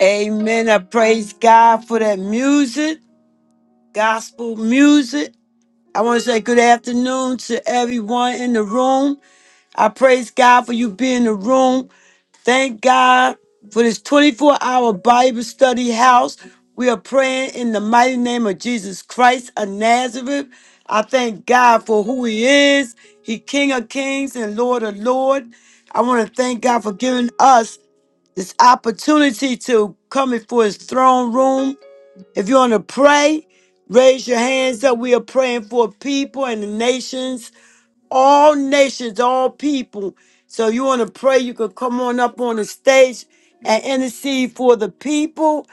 Amen. I praise God for that music, gospel music. I want to say good afternoon to everyone in the room. I praise God for you being in the room. Thank God for this 24 hour Bible study house. We are praying in the mighty name of Jesus Christ of Nazareth. I thank God for who He is. He King of Kings and Lord of Lords. I want to thank God for giving us this opportunity to come before his throne room. If you want to pray, raise your hands up. We are praying for people and the nations all nations, all people. So you want to pray, you can come on up on the stage and intercede for the people.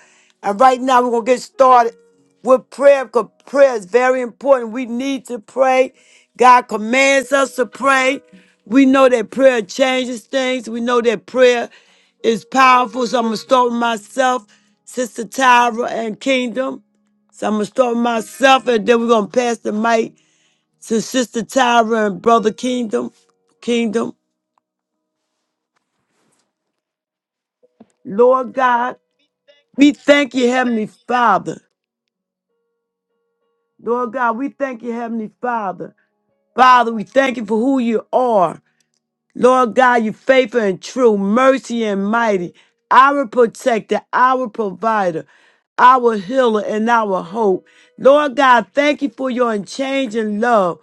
And right now we're gonna get started with prayer because prayer is very important. We need to pray. God commands us to pray. We know that prayer changes things. We know that prayer is powerful. So I'm gonna start with myself, Sister Tyra and Kingdom. So I'm gonna start with myself and then we're gonna pass the mic to Sister Tyra and Brother Kingdom, Kingdom, Lord God, we thank you, Heavenly Father. Lord God, we thank you, Heavenly Father. Father, we thank you for who you are. Lord God, you faithful and true, mercy and mighty, our protector, our provider, our healer, and our hope. Lord God, thank you for your unchanging love,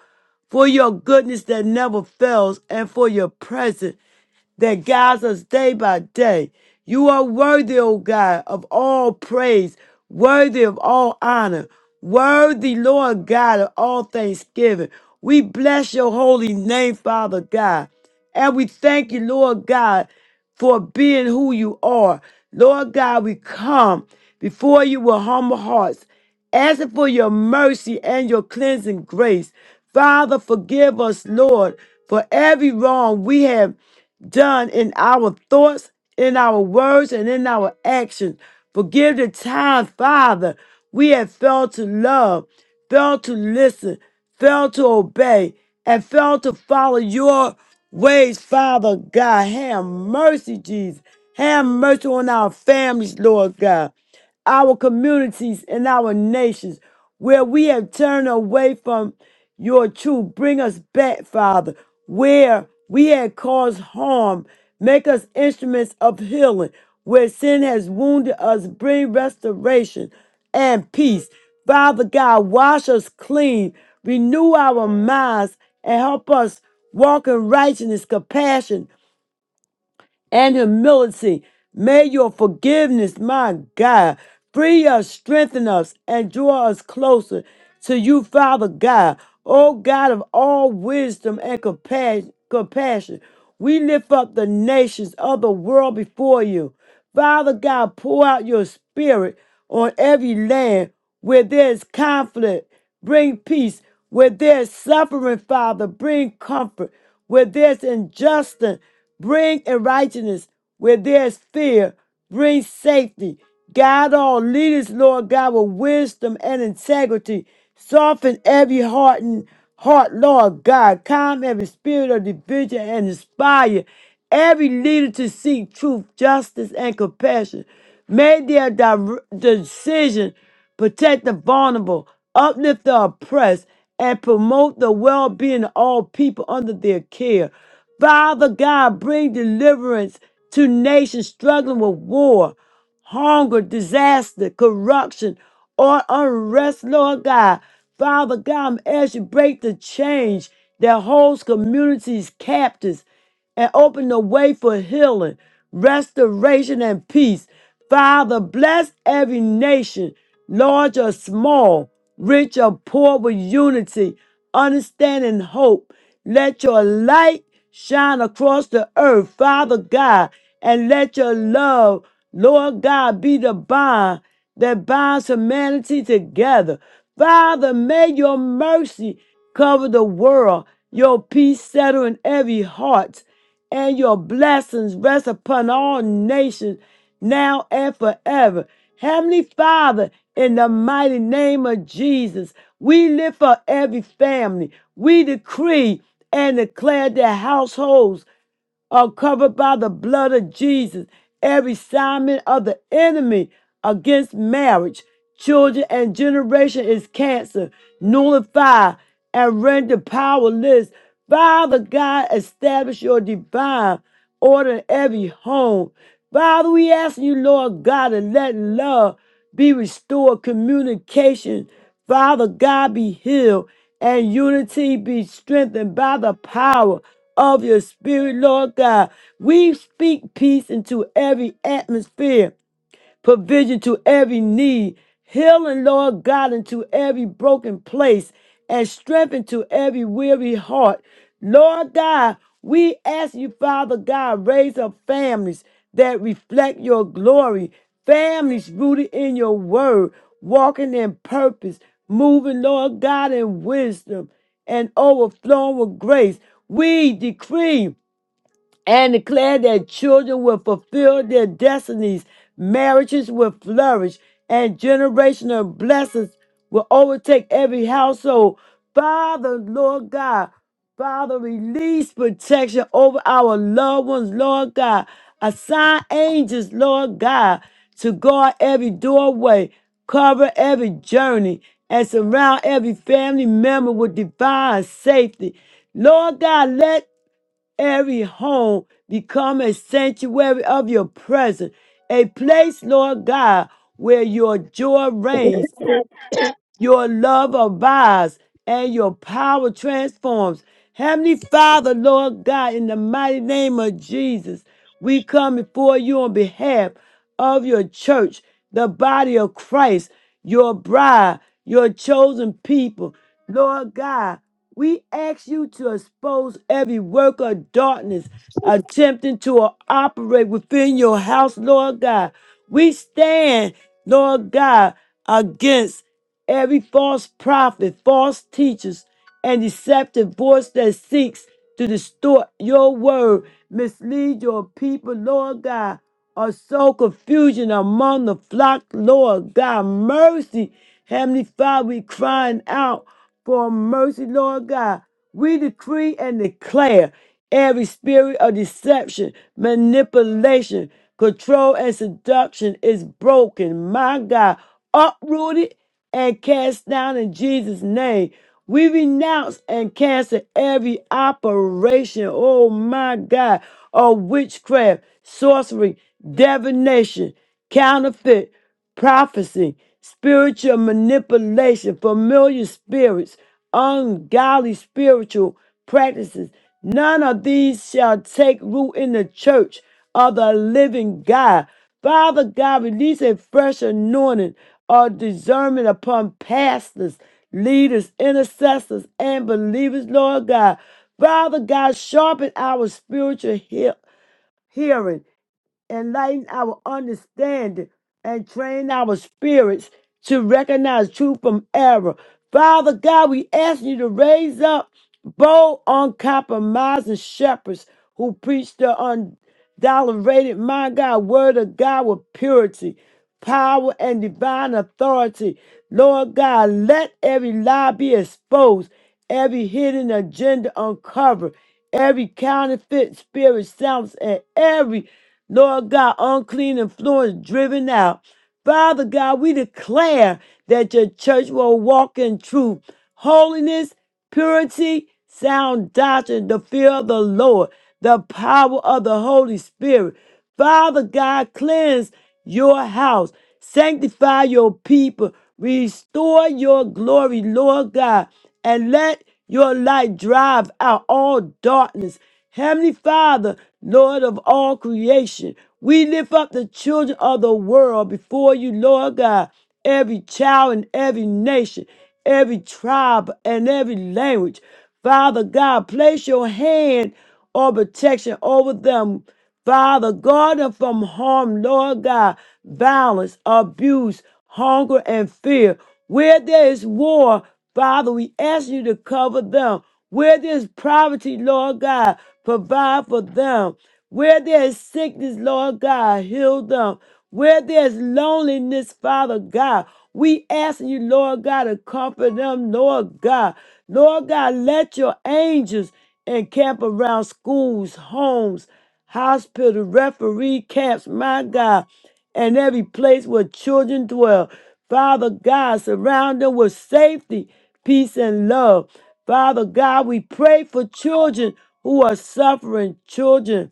for your goodness that never fails, and for your presence that guides us day by day. You are worthy, O God, of all praise, worthy of all honor, worthy, Lord God, of all thanksgiving. We bless your holy name, Father God. And we thank you, Lord God, for being who you are. Lord God, we come before you with humble hearts, asking for your mercy and your cleansing grace. Father, forgive us, Lord, for every wrong we have done in our thoughts, in our words, and in our actions. Forgive the time, Father, we have failed to love, failed to listen, failed to obey, and failed to follow your ways, Father God. Have mercy, Jesus. Have mercy on our families, Lord God, our communities, and our nations where we have turned away from your truth. Bring us back, Father, where we had caused harm. Make us instruments of healing. Where sin has wounded us, bring restoration and peace. Father God, wash us clean, renew our minds, and help us walk in righteousness, compassion, and humility. May your forgiveness, my God, free us, strengthen us, and draw us closer to you, Father God. O God of all wisdom and compas- compassion, we lift up the nations of the world before you. Father God, pour out your spirit on every land where there's conflict. Bring peace. Where there's suffering, Father, bring comfort. Where there's injustice, bring righteousness. Where there's fear, bring safety. Guide all leaders, Lord God, with wisdom and integrity. Soften every heart and heart, Lord God. Calm every spirit of division and inspire every leader to seek truth, justice, and compassion. Make their dire- decision protect the vulnerable, uplift the oppressed, and promote the well-being of all people under their care. Father God, bring deliverance to nations struggling with war hunger, disaster, corruption, or unrest, Lord God. Father God, as you break the change that holds communities captives and open the way for healing, restoration, and peace. Father, bless every nation, large or small, rich or poor, with unity, understanding, and hope. Let your light shine across the earth, Father God, and let your love Lord God, be the bond that binds humanity together. Father, may your mercy cover the world, your peace settle in every heart, and your blessings rest upon all nations now and forever. Heavenly Father, in the mighty name of Jesus, we lift up every family. We decree and declare their households are covered by the blood of Jesus. Every assignment of the enemy against marriage, children, and generation is canceled, nullified, and rendered powerless. Father God, establish your divine order in every home. Father, we ask you, Lord God, to let love be restored, communication, Father God, be healed, and unity be strengthened by the power of your Spirit, Lord God. We speak peace into every atmosphere provision to every need, healing, Lord God, into every broken place, and strength into every weary heart. Lord God, we ask you, Father God, raise up families that reflect your glory, families rooted in your word, walking in purpose, moving, Lord God, in wisdom and overflowing with grace. We decree and declare that children will fulfill their destinies, marriages will flourish, and generational blessings will overtake every household. Father, Lord God, Father, release protection over our loved ones, Lord God. Assign angels, Lord God, to guard every doorway, cover every journey, and surround every family member with divine safety. Lord God, let every home become a sanctuary of your presence, a place, Lord God, where your joy reigns your love abides and your power transforms. Heavenly Father, Lord God, in the mighty name of Jesus, we come before you on behalf of your church, the body of Christ, your bride, your chosen people. Lord God, we ask you to expose every work of darkness attempting to operate within your house, Lord God. We stand, Lord God, against every false prophet, false teachers, and deceptive voice that seeks to distort your word, mislead your people, Lord God, or sow confusion among the flock, Lord God. Mercy, Heavenly Father, we crying out for mercy, Lord God. We decree and declare every spirit of deception, manipulation, control, and seduction is broken. My God, uprooted and cast down in Jesus' name. We renounce and cancel every operation, oh my God, of witchcraft, sorcery, divination counterfeit prophecy, spiritual manipulation, familiar spirits, ungodly spiritual practices. None of these shall take root in the church of the living God. Father God, release a fresh anointing of discernment upon pastors, leaders, intercessors, and believers, Lord God. Father God, sharpen our spiritual he- hearing enlighten our understanding, and train our spirits to recognize truth from error. Father God, we ask you to raise up bold, uncompromising shepherds who preach the undiluted, my God, word of God with purity, power, and divine authority. Lord God, let every lie be exposed, every hidden agenda uncovered, every counterfeit spirit silenced, and every Lord God, unclean influence driven out. Father God, we declare that your church will walk in truth, holiness, purity, sound doctrine, the fear of the Lord, the power of the Holy Spirit. Father God, cleanse your house, sanctify your people, restore your glory, Lord God, and let your light drive out all darkness. Heavenly Father, Lord of all creation, we lift up the children of the world before you, Lord God, every child in every nation, every tribe, and every language. Father God, place your hand or protection over them. Father, guard them from harm, Lord God, violence, abuse, hunger, and fear. Where there is war, Father, we ask you to cover them. Where there is poverty, Lord God, provide for them. Where there is sickness, Lord God, heal them. Where there's loneliness, Father God, we ask you, Lord God, to comfort them, Lord God. Lord God, let your angels and camp around schools, homes, hospital, referee camps, my God, and every place where children dwell. Father God, surround them with safety, peace, and love. Father God, we pray for children who are suffering, children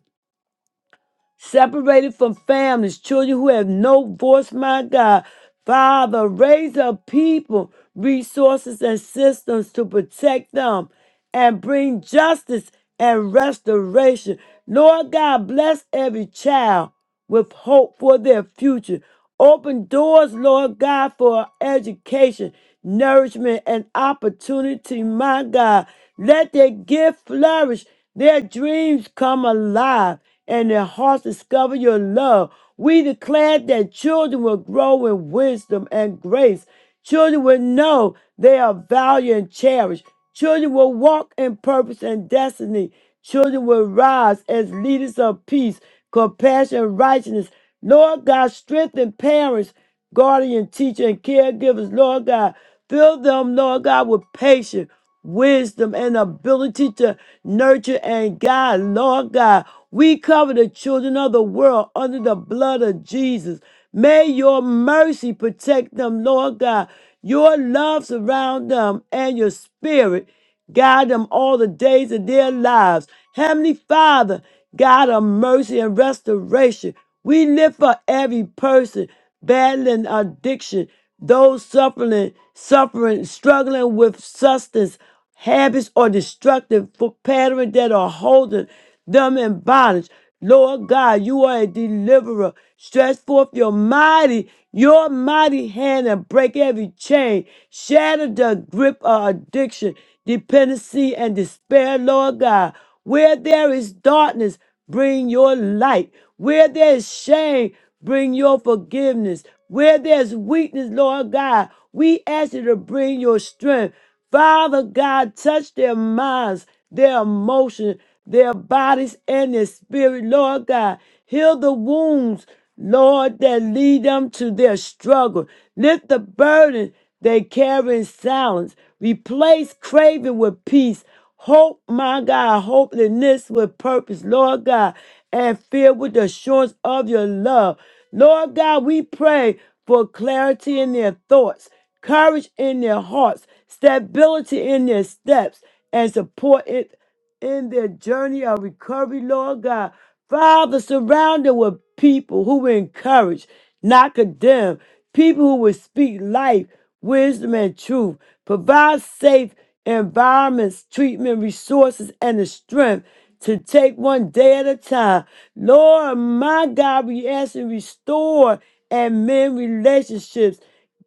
separated from families, children who have no voice, my God. Father, raise up people, resources, and systems to protect them and bring justice and restoration. Lord God, bless every child with hope for their future. Open doors, Lord God, for education, nourishment, and opportunity, my God. Let their gift flourish, their dreams come alive, and their hearts discover your love. We declare that children will grow in wisdom and grace. Children will know they are valued and cherished. Children will walk in purpose and destiny. Children will rise as leaders of peace, compassion, righteousness. Lord God, strengthen parents, guardian, teacher, and caregivers. Lord God, fill them, Lord God, with patience wisdom and ability to nurture and guide. Lord God, we cover the children of the world under the blood of Jesus. May your mercy protect them, Lord God. Your love surround them and your spirit guide them all the days of their lives. Heavenly Father, God of mercy and restoration, we live for every person battling addiction. Those suffering, suffering, struggling with substance, habits, or destructive for pattern that are holding them in bondage. Lord God, you are a deliverer. Stretch forth your mighty, your mighty hand and break every chain. Shatter the grip of addiction, dependency, and despair, Lord God. Where there is darkness, bring your light. Where there is shame, Bring your forgiveness. Where there's weakness, Lord God, we ask you to bring your strength. Father God, touch their minds, their emotions, their bodies, and their spirit, Lord God. Heal the wounds, Lord, that lead them to their struggle. Lift the burden they carry in silence. Replace craving with peace. Hope, my God, hopelessness with purpose, Lord God, and filled with the assurance of your love. Lord God, we pray for clarity in their thoughts, courage in their hearts, stability in their steps, and support it in their journey of recovery, Lord God. Father, surround them with people who encourage, not condemn. People who will speak life, wisdom, and truth, provide safe environments, treatment, resources, and the strength to take one day at a time. Lord, my God, we ask and restore and mend relationships.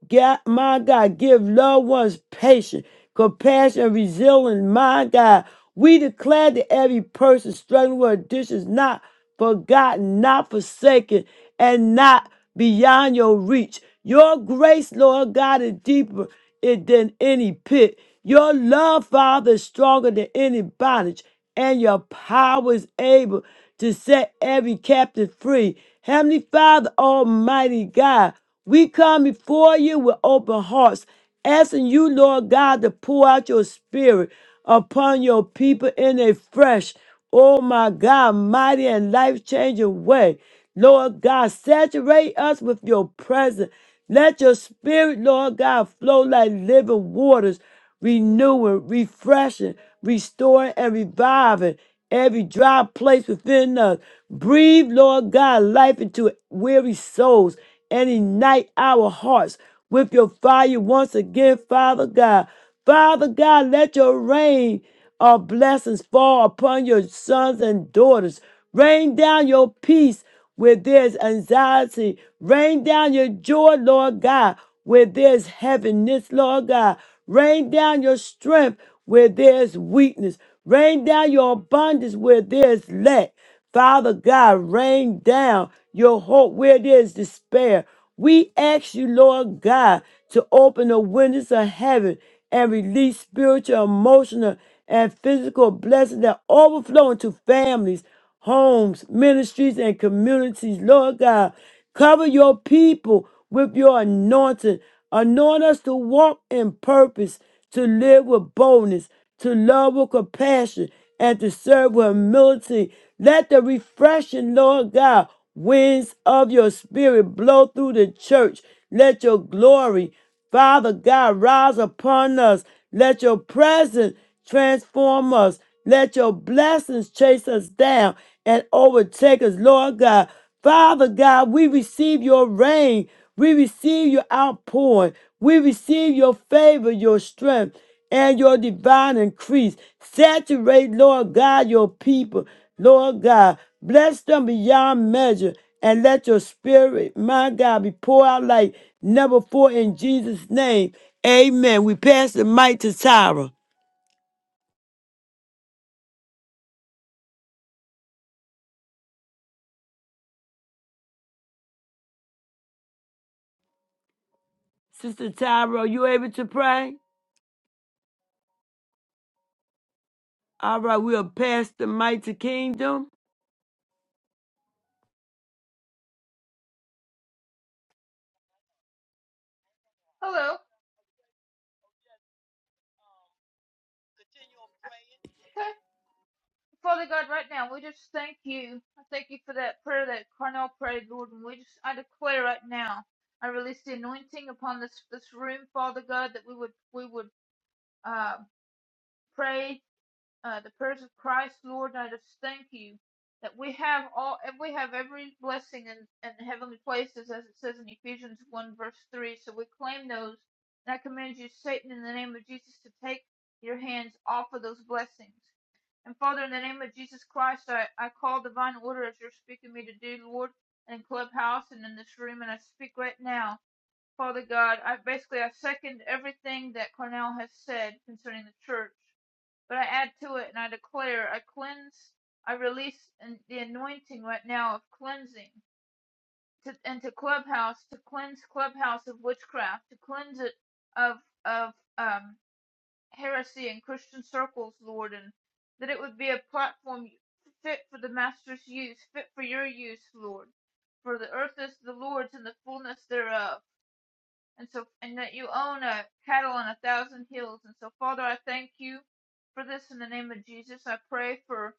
God, my God, give loved ones patience, compassion, and resilience. My God, we declare that every person struggling with addiction is not forgotten, not forsaken, and not beyond your reach. Your grace, Lord God, is deeper it- than any pit. Your love, Father, is stronger than any bondage, and your power is able to set every captive free. Heavenly Father, Almighty God, we come before you with open hearts, asking you, Lord God, to pour out your spirit upon your people in a fresh, oh my God, mighty and life changing way. Lord God, saturate us with your presence. Let your spirit, Lord God, flow like living waters, renewing, refreshing, restoring, and reviving every dry place within us. Breathe, Lord God, life into weary souls and ignite our hearts with your fire once again, Father God. Father God, let your rain of blessings fall upon your sons and daughters. Rain down your peace where there's anxiety. Rain down your joy, Lord God, where there's heaviness, Lord God. Rain down your strength where there's weakness. Rain down your abundance where there's lack. Father God, rain down your hope where there's despair. We ask you, Lord God, to open the windows of heaven and release spiritual, emotional, and physical blessings that overflow into families, homes, ministries, and communities. Lord God, cover your people with your anointing. Anoint us to walk in purpose, to live with boldness, to love with compassion, and to serve with humility. Let the refreshing, Lord God, Winds of your spirit blow through the church. Let your glory, Father God, rise upon us. Let your presence transform us. Let your blessings chase us down and overtake us, Lord God. Father God, we receive your rain. We receive your outpouring. We receive your favor, your strength and your divine increase. Saturate, Lord God, your people. Lord God, bless them beyond measure and let your spirit, my God, be poured out like never before in Jesus' name. Amen. We pass the mic to Tyra. Sister Tyra, are you able to pray? All right, we'll pass the mic to Kingdom. Hello. Okay. Father God, right now, we just thank you. I thank you for that prayer that Carnell prayed, Lord. And we just, I declare right now, I release the anointing upon this this room, Father God, that we would we would uh, pray uh, the prayers of Christ, Lord. And I just thank you that we have all and we have every blessing in, in heavenly places, as it says in Ephesians one verse three. So we claim those, and I commend you, Satan, in the name of Jesus, to take your hands off of those blessings. And Father, in the name of Jesus Christ, I, I call divine order as you're speaking me to do, Lord, in Clubhouse and in this room, and I speak right now. Father God, I basically I second everything that Cornell has said concerning the church, but I add to it and I declare, I cleanse, I release an- the anointing right now of cleansing to into Clubhouse to cleanse Clubhouse of witchcraft, to cleanse it of of um heresy in Christian circles, Lord, and that it would be a platform fit for the Master's use, fit for your use, Lord. For the earth is the Lord's and the fullness thereof. And so, and that you own a cattle on a thousand hills. And so, Father, I thank you for this in the name of Jesus. I pray for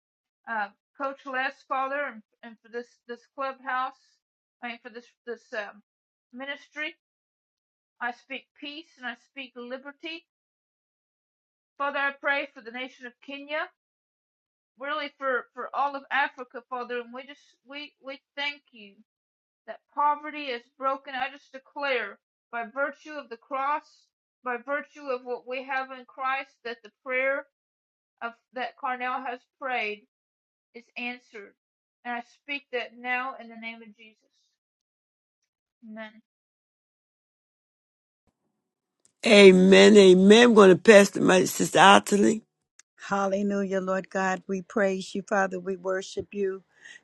uh, Coach Les, Father, and, and for this this clubhouse. I mean, for this this um, ministry. I speak peace and I speak liberty. Father, I pray for the nation of Kenya. really for for all of Africa, Father, and we just we we thank you that poverty is broken. I just declare by virtue of the cross, by virtue of what we have in Christ, that the prayer of that Carnell has prayed is answered, and I speak that now in the name of Jesus. Amen. Amen, amen. We're going to pass the mic to Sister Ottilie. Hallelujah, Lord God. We praise you, Father. We worship you.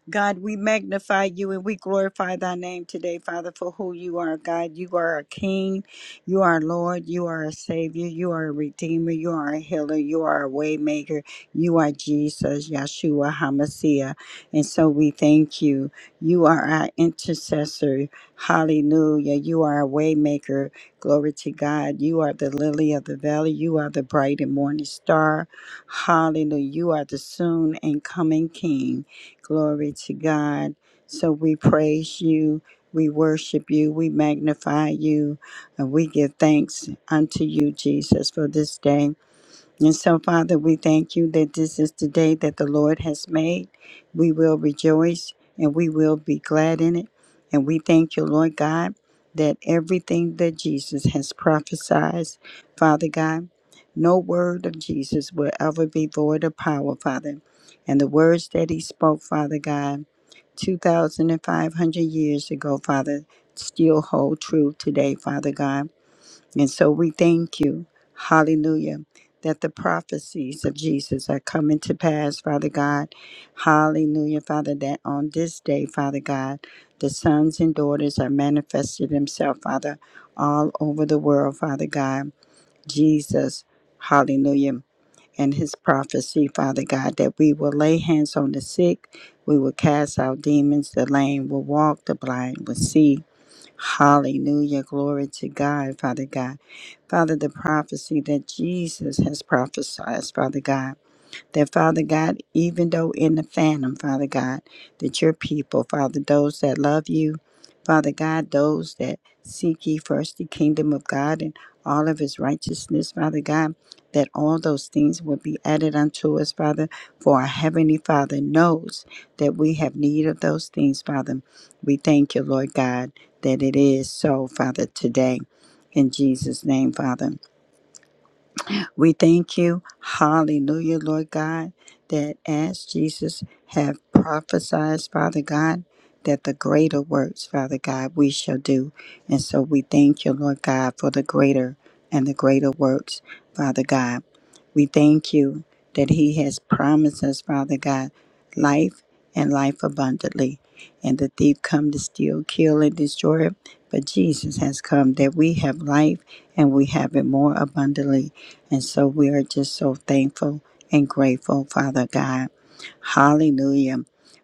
God, we magnify you and we glorify thy name today, Father, for who you are, God. You are a king. You are Lord. You are a savior. You are a redeemer. You are a healer. You are a waymaker. You are Jesus, Yeshua HaMashiach. And so we thank you. You are our intercessor. Hallelujah. You are a waymaker. Glory to God. You are the lily of the valley. You are the bright and morning star. Hallelujah. You are the soon and coming King. Glory to God. So we praise you. We worship you. We magnify you. And we give thanks unto you, Jesus, for this day. And so, Father, we thank you that this is the day that the Lord has made. We will rejoice and we will be glad in it. And we thank you, Lord God, that everything that Jesus has prophesied, Father God, no word of Jesus will ever be void of power, Father. And the words that he spoke, Father God, 2,500 years ago, Father, still hold true today, Father God. And so we thank you, hallelujah, that the prophecies of Jesus are coming to pass, Father God. Hallelujah, Father, that on this day, Father God, the sons and daughters are manifested themselves, Father, all over the world, Father God. Jesus, hallelujah. And his prophecy, Father God, that we will lay hands on the sick, we will cast out demons, the lame will walk, the blind will see, Hallelujah. Glory to God, Father God. Father, the prophecy that Jesus has prophesied, Father God. That, Father God, even though in the phantom, Father God, that your people, Father, those that love you, Father God, those that seek ye first the kingdom of God and all of his righteousness, Father God, that all those things will be added unto us, Father, for our Heavenly Father knows that we have need of those things, Father. We thank you, Lord God, that it is so, Father, today. In Jesus' name, Father. We thank you, hallelujah, Lord God, that as Jesus have prophesied, Father God, that the greater works, Father God, we shall do. And so we thank you, Lord God, for the greater and the greater works, Father God. We thank you that He has promised us, Father God, life and life abundantly. And the thief come to steal, kill, and destroy it. But Jesus has come that we have life and we have it more abundantly. And so we are just so thankful and grateful, Father God. Hallelujah.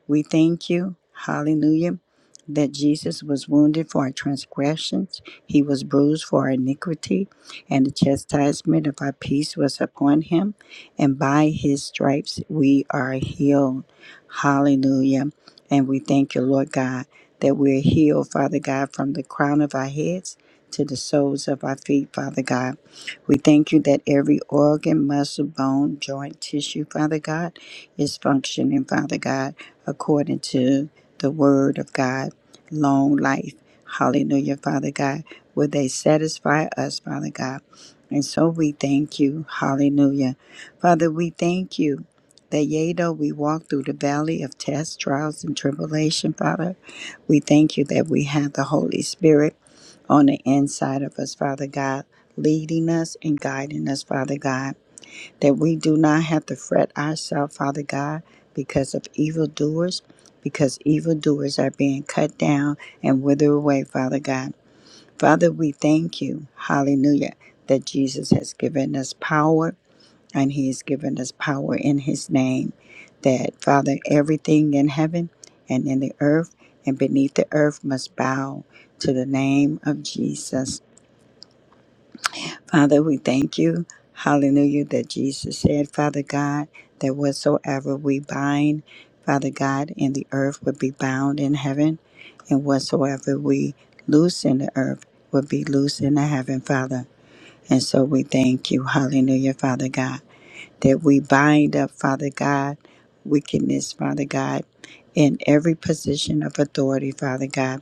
We thank you, hallelujah, that Jesus was wounded for our transgressions, he was bruised for our iniquity, and the chastisement of our peace was upon him, and by his stripes we are healed. Hallelujah. And we thank you, Lord God, that we're healed, Father God, from the crown of our heads to the soles of our feet, Father God. We thank you that every organ, muscle, bone, joint, tissue, Father God, is functioning, Father God, according to the word of God, long life. Hallelujah, Father God. Will they satisfy us, Father God? And so we thank you. Hallelujah. Father, we thank you that yea, though we walk through the valley of tests, trials, and tribulation, Father, we thank you that we have the Holy Spirit on the inside of us, Father God, leading us and guiding us, Father God, that we do not have to fret ourselves, Father God, because of evildoers, because evildoers are being cut down and wither away, Father God. Father, we thank you, hallelujah, that Jesus has given us power and he has given us power in his name. That, Father, everything in heaven and in the earth and beneath the earth must bow to the name of Jesus. Father, we thank you. Hallelujah. That Jesus said, Father God, that whatsoever we bind, Father God, in the earth would be bound in heaven, and whatsoever we loose in the earth would be loose in the heaven, Father. And so we thank you. Hallelujah, Father God that we bind up, Father God, wickedness, Father God, in every position of authority, Father God,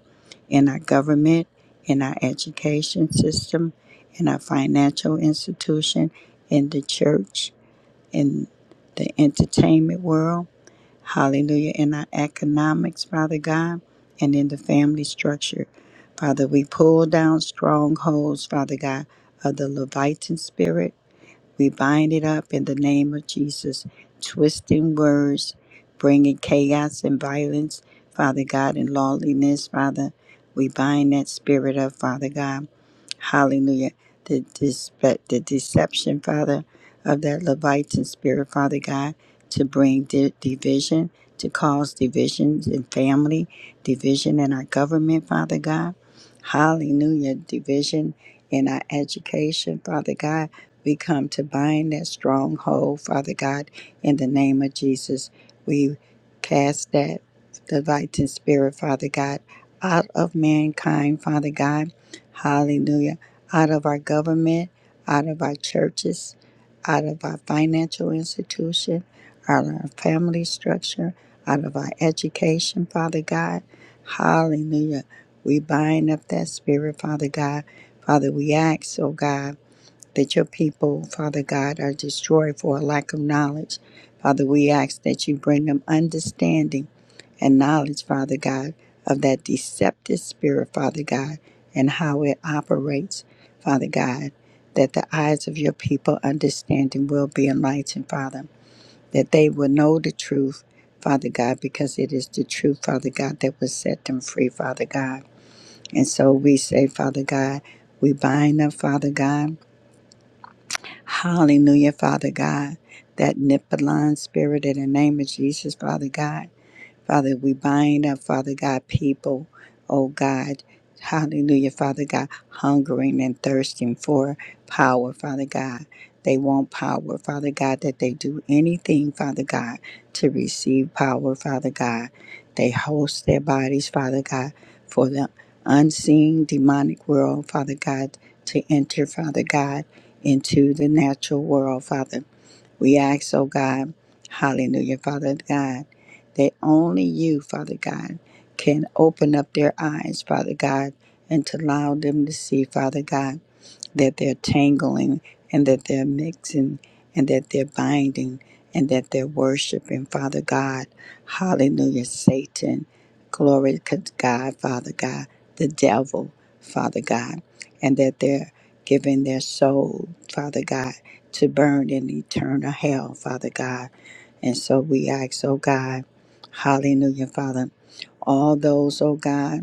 in our government, in our education system, in our financial institution, in the church, in the entertainment world, hallelujah, in our economics, Father God, and in the family structure. Father, we pull down strongholds, Father God, of the Leviathan spirit we bind it up in the name of Jesus, twisting words, bringing chaos and violence, Father God, and lawlessness, Father. We bind that spirit up, Father God. Hallelujah. The, dispe- the deception, Father, of that Leviathan spirit, Father God, to bring di- division, to cause divisions in family, division in our government, Father God. Hallelujah. Division in our education, Father God we come to bind that stronghold, Father God, in the name of Jesus. We cast that Leviathan spirit, Father God, out of mankind, Father God. Hallelujah. Out of our government, out of our churches, out of our financial institution, out of our family structure, out of our education, Father God. Hallelujah. We bind up that spirit, Father God. Father, we ask, oh God that your people, Father God, are destroyed for a lack of knowledge. Father, we ask that you bring them understanding and knowledge, Father God, of that deceptive spirit, Father God, and how it operates, Father God, that the eyes of your people understanding will be enlightened, Father, that they will know the truth, Father God, because it is the truth, Father God, that will set them free, Father God. And so we say, Father God, we bind up, Father God. Hallelujah, Father God. That Nipalon spirit in the name of Jesus, Father God. Father, we bind up, Father God, people, oh God, hallelujah, Father God, hungering and thirsting for power, Father God. They want power, Father God, that they do anything, Father God, to receive power, Father God. They host their bodies, Father God, for the unseen demonic world, Father God, to enter, Father God, into the natural world, Father. We ask, oh God, hallelujah, Father God, that only you, Father God, can open up their eyes, Father God, and to allow them to see, Father God that they're tangling and that they're mixing and that they're binding and that they're worshiping, Father God. Hallelujah. Satan, glory to God, Father God, the devil, Father God, and that they're giving their soul, Father God, to burn in eternal hell, Father God. And so we ask, oh God, hallelujah, Father all those, oh God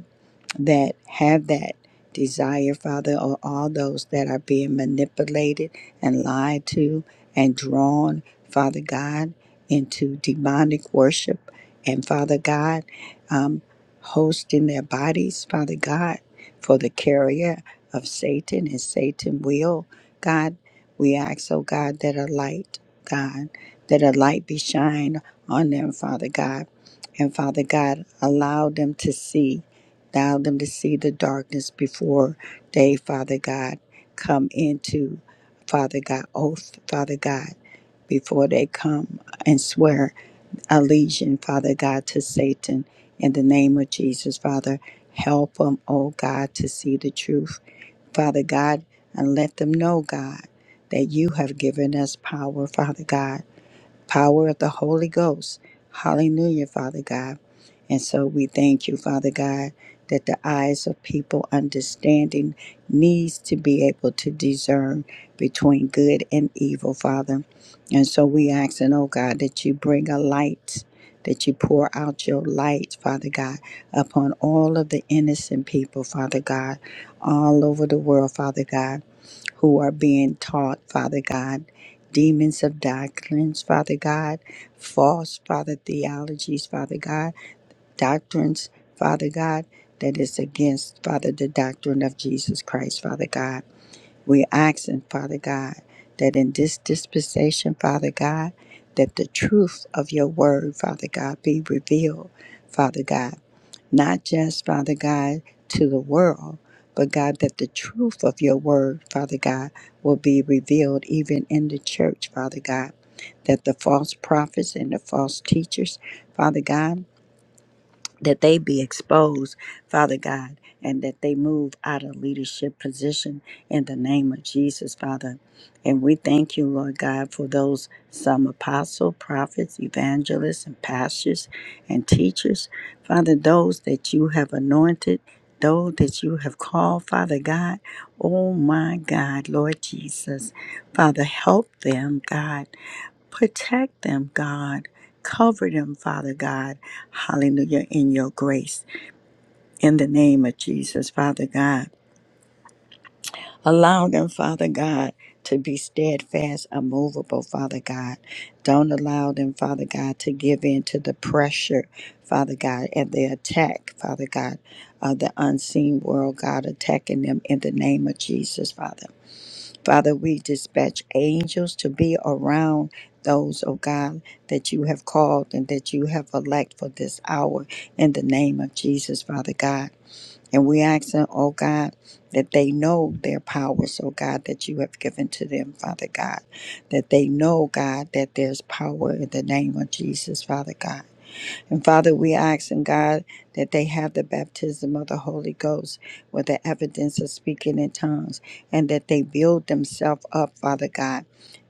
that have that desire, Father, or all those that are being manipulated and lied to and drawn, Father God, into demonic worship. And Father God, um, hosting their bodies, Father God, for the carrier of Satan and Satan will. God, we ask, oh God, that a light, God, that a light be shined on them, Father God. And Father God, allow them to see Allow them to see the darkness before they, Father God, come into, Father God, oath, Father God, before they come and swear allegiance, Father God, to Satan. In the name of Jesus, Father, help them, oh God, to see the truth, Father God, and let them know, God, that you have given us power, Father God power of the Holy Ghost. Hallelujah, Father God. And so we thank you, Father God, that the eyes of people understanding needs to be able to discern between good and evil, Father. And so we ask, and oh God, that you bring a light, that you pour out your light, Father God, upon all of the innocent people, Father God, all over the world, Father God who are being taught, Father God, demons of doctrines, Father God, false, Father, theologies, Father God, doctrines, Father God, that is against, Father, the doctrine of Jesus Christ, Father God. We're asking, Father God, that in this dispensation, Father God, that the truth of your word, Father God, be revealed, Father God not just, Father God, to the world, but God, that the truth of your word, Father God, will be revealed even in the church, Father God. That the false prophets and the false teachers, Father God, that they be exposed, Father God, and that they move out of leadership position in the name of Jesus, Father. And we thank you, Lord God, for those some apostle, prophets, evangelists, and pastors and teachers, Father, those that you have anointed. Those that you have called, Father God, oh my God, Lord Jesus, Father, help them, God, Protect them, God. Cover them, Father God. Hallelujah, in your grace. In the name of Jesus, Father God. Allow them, Father God, to be steadfast, immovable, Father God. Don't allow them, Father God, to give in to the pressure, Father God, and the attack, Father God, of the unseen world, God, attacking them in the name of Jesus, Father. Father, we dispatch angels to be around those, oh God, that you have called and that you have elect for this hour in the name of Jesus, Father God. And we ask them, oh God, that they know their powers, oh God, that you have given to them, Father God. That they know, God, that there's power in the name of Jesus, Father God and Father, we ask and God that they have the baptism of the Holy Ghost with the evidence of speaking in tongues and that they build themselves up, Father God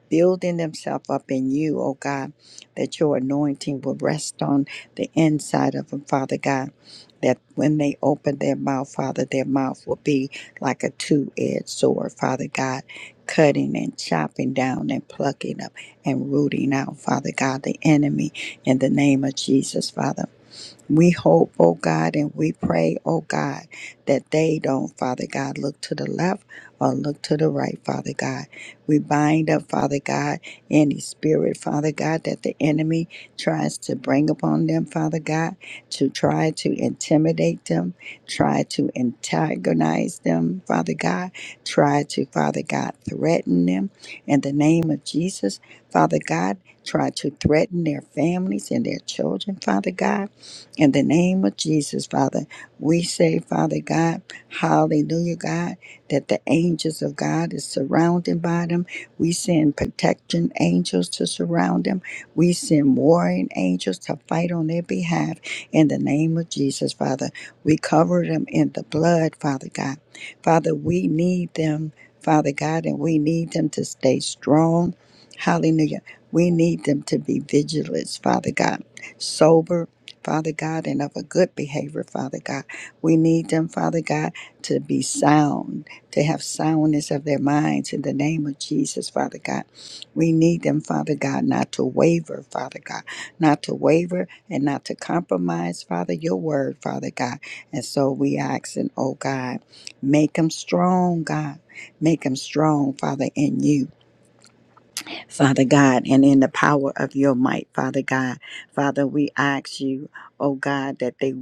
building themselves up in you, oh God, that your anointing will rest on the inside of them, Father God. That when they open their mouth, Father, their mouth will be like a two edged sword, Father God, cutting and chopping down and plucking up and rooting out, Father God, the enemy in the name of Jesus, Father. We hope, oh God, and we pray, oh God, that they don't, Father God, look to the left or look to the right, Father God. We bind up, Father God, any spirit, Father God, that the enemy tries to bring upon them, Father God, to try to intimidate them, try to antagonize them, Father God, try to, Father God, threaten them. In the name of Jesus, Father God, try to threaten their families and their children, Father God in the name of Jesus, Father, we say, Father God, hallelujah, God, that the angels of God is surrounded by them. We send protection angels to surround them. We send warring angels to fight on their behalf. In the name of Jesus, Father, we cover them in the blood, Father God. Father, we need them, Father God, and we need them to stay strong. Hallelujah. We need them to be vigilant, Father God, sober Father God, and of a good behavior, Father God. We need them, Father God, to be sound, to have soundness of their minds in the name of Jesus, Father God. We need them, Father God, not to waver, Father God, not to waver and not to compromise, Father, your word, Father God. And so we ask, and oh God, make them strong, God. Make them strong, Father, in you. Father God, and in the power of your might, Father God. Father, we ask you, oh God, that they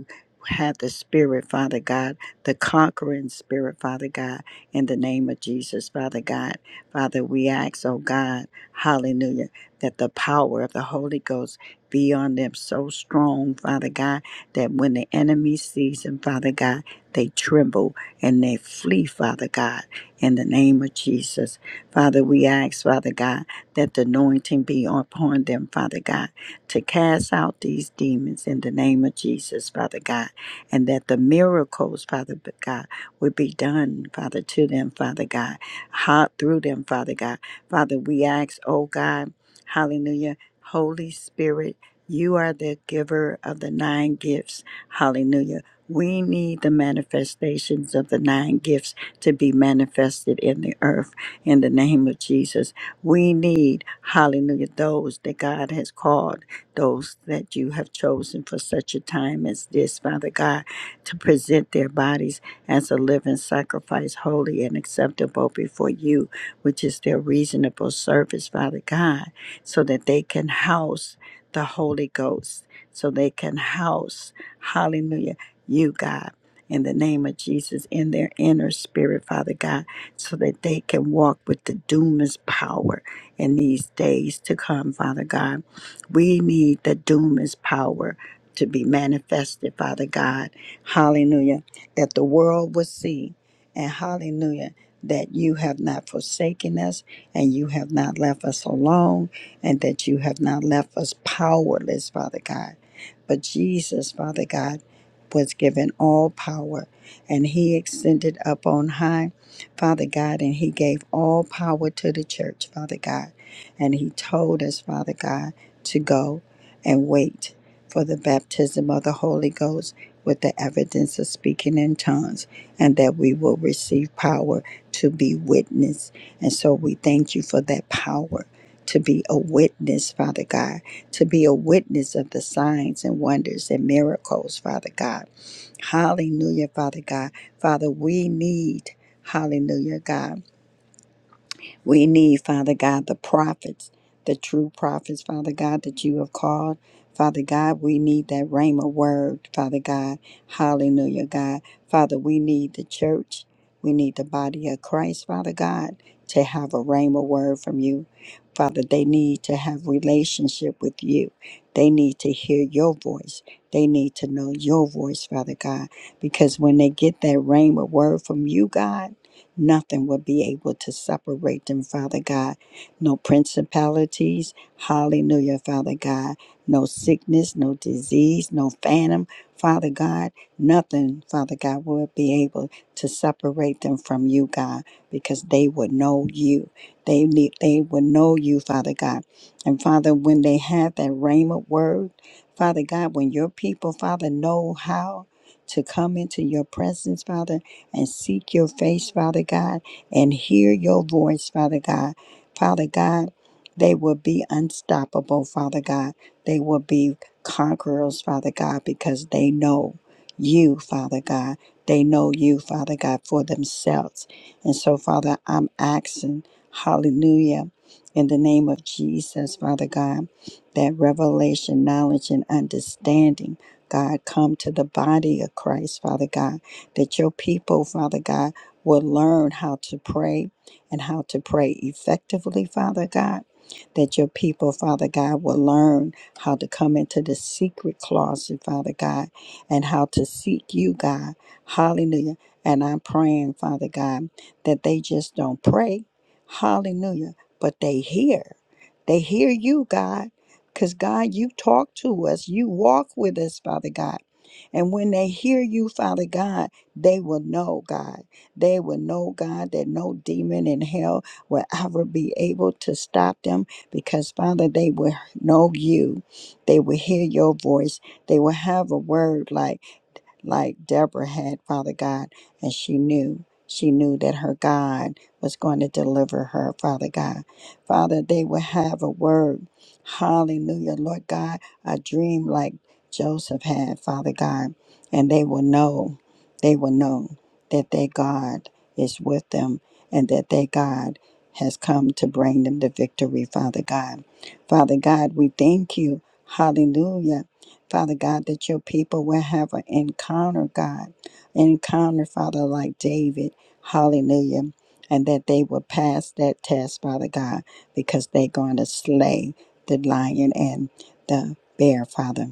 have the spirit, Father God, the conquering spirit, Father God, in the name of Jesus, Father God. Father, we ask, oh God, hallelujah, that the power of the Holy Ghost be on them so strong, Father God, that when the enemy sees them, Father God, they tremble and they flee, Father God, in the name of Jesus. Father, we ask, Father God, that the anointing be upon them, Father God, to cast out these demons in the name of Jesus, Father God, and that the miracles, Father God, would be done, Father, to them, Father God, hot through them, Father God. Father, we ask, oh God, hallelujah, Holy Spirit, you are the giver of the nine gifts, hallelujah. We need the manifestations of the nine gifts to be manifested in the earth in the name of Jesus. We need, hallelujah, those that God has called, those that you have chosen for such a time as this, Father God, to present their bodies as a living sacrifice, holy and acceptable before you, which is their reasonable service, Father God, so that they can house the Holy Ghost, so they can house, hallelujah, you, God. In the name of Jesus, in their inner spirit, Father God so that they can walk with the dunamis power in these days to come, Father God. We need the dunamis power to be manifested, Father God. Hallelujah. That the world will see, and hallelujah, that you have not forsaken us and you have not left us alone and that you have not left us powerless, Father God. But Jesus, Father God, was given all power and he extended up on high Father God, and He gave all power to the church, Father God. And He told us, Father God, to go and wait for the baptism of the Holy Ghost with the evidence of speaking in tongues, and that we will receive power to be witness. And so we thank you for that power. To be a witness, Father God, to be a witness of the signs and wonders and miracles, Father God. Hallelujah, Father God. Father, we need Hallelujah, God. We need, Father God, the prophets, the true prophets, Father God, that you have called. Father God, we need that Rhema word, Father God. Hallelujah, God. Father, we need the church. We need the body of Christ, Father God, to have a Rhema word from you. Father, they need to have relationship with you. They need to hear your voice. They need to know your voice, Father God, because when they get that Rhema word from you, God, Nothing will be able to separate them, Father God. No principalities, hallelujah, Father God. No sickness, no disease, no phantom, Father God. Nothing, Father God, will be able to separate them from you, God, because they would know you. They need, they would know you, Father God. And Father, when they have that rhema word, Father God, when your people, Father, know how to come into your presence, Father and seek your face, Father God, and hear your voice, Father God. Father God, they will be unstoppable, Father God. They will be conquerors, Father God, because they know you, Father God. They know you, Father God, for themselves. And so, Father, I'm asking, hallelujah, in the name of Jesus, Father God, that revelation, knowledge, and understanding, God, come to the body of Christ, Father God that your people, Father God, will learn how to pray and how to pray effectively, Father God. That your people, Father God, will learn how to come into the secret closet, Father God, and how to seek you, God. Hallelujah. And I'm praying, Father God, that they just don't pray. Hallelujah. But they hear. They hear you, God. Because, God, you talk to us. You walk with us, Father God. And when they hear you, Father God, they will know, God. They will know, God, that no demon in hell will ever be able to stop them because, Father, they will know you. They will hear your voice. They will have a word like, like Deborah had, Father God, and she knew. She knew that her God was going to deliver her, Father God. Father, they will have a word. Hallelujah, Lord God, a dream like Joseph had, Father God. And they will know, they will know that their God is with them and that their God has come to bring them the victory, Father God. Father God, we thank you. Hallelujah Father God, that your people will have an encounter, God, encounter, Father, like David. Hallelujah. And that they will pass that test, Father God, because they're going to slay the lion and the bear, Father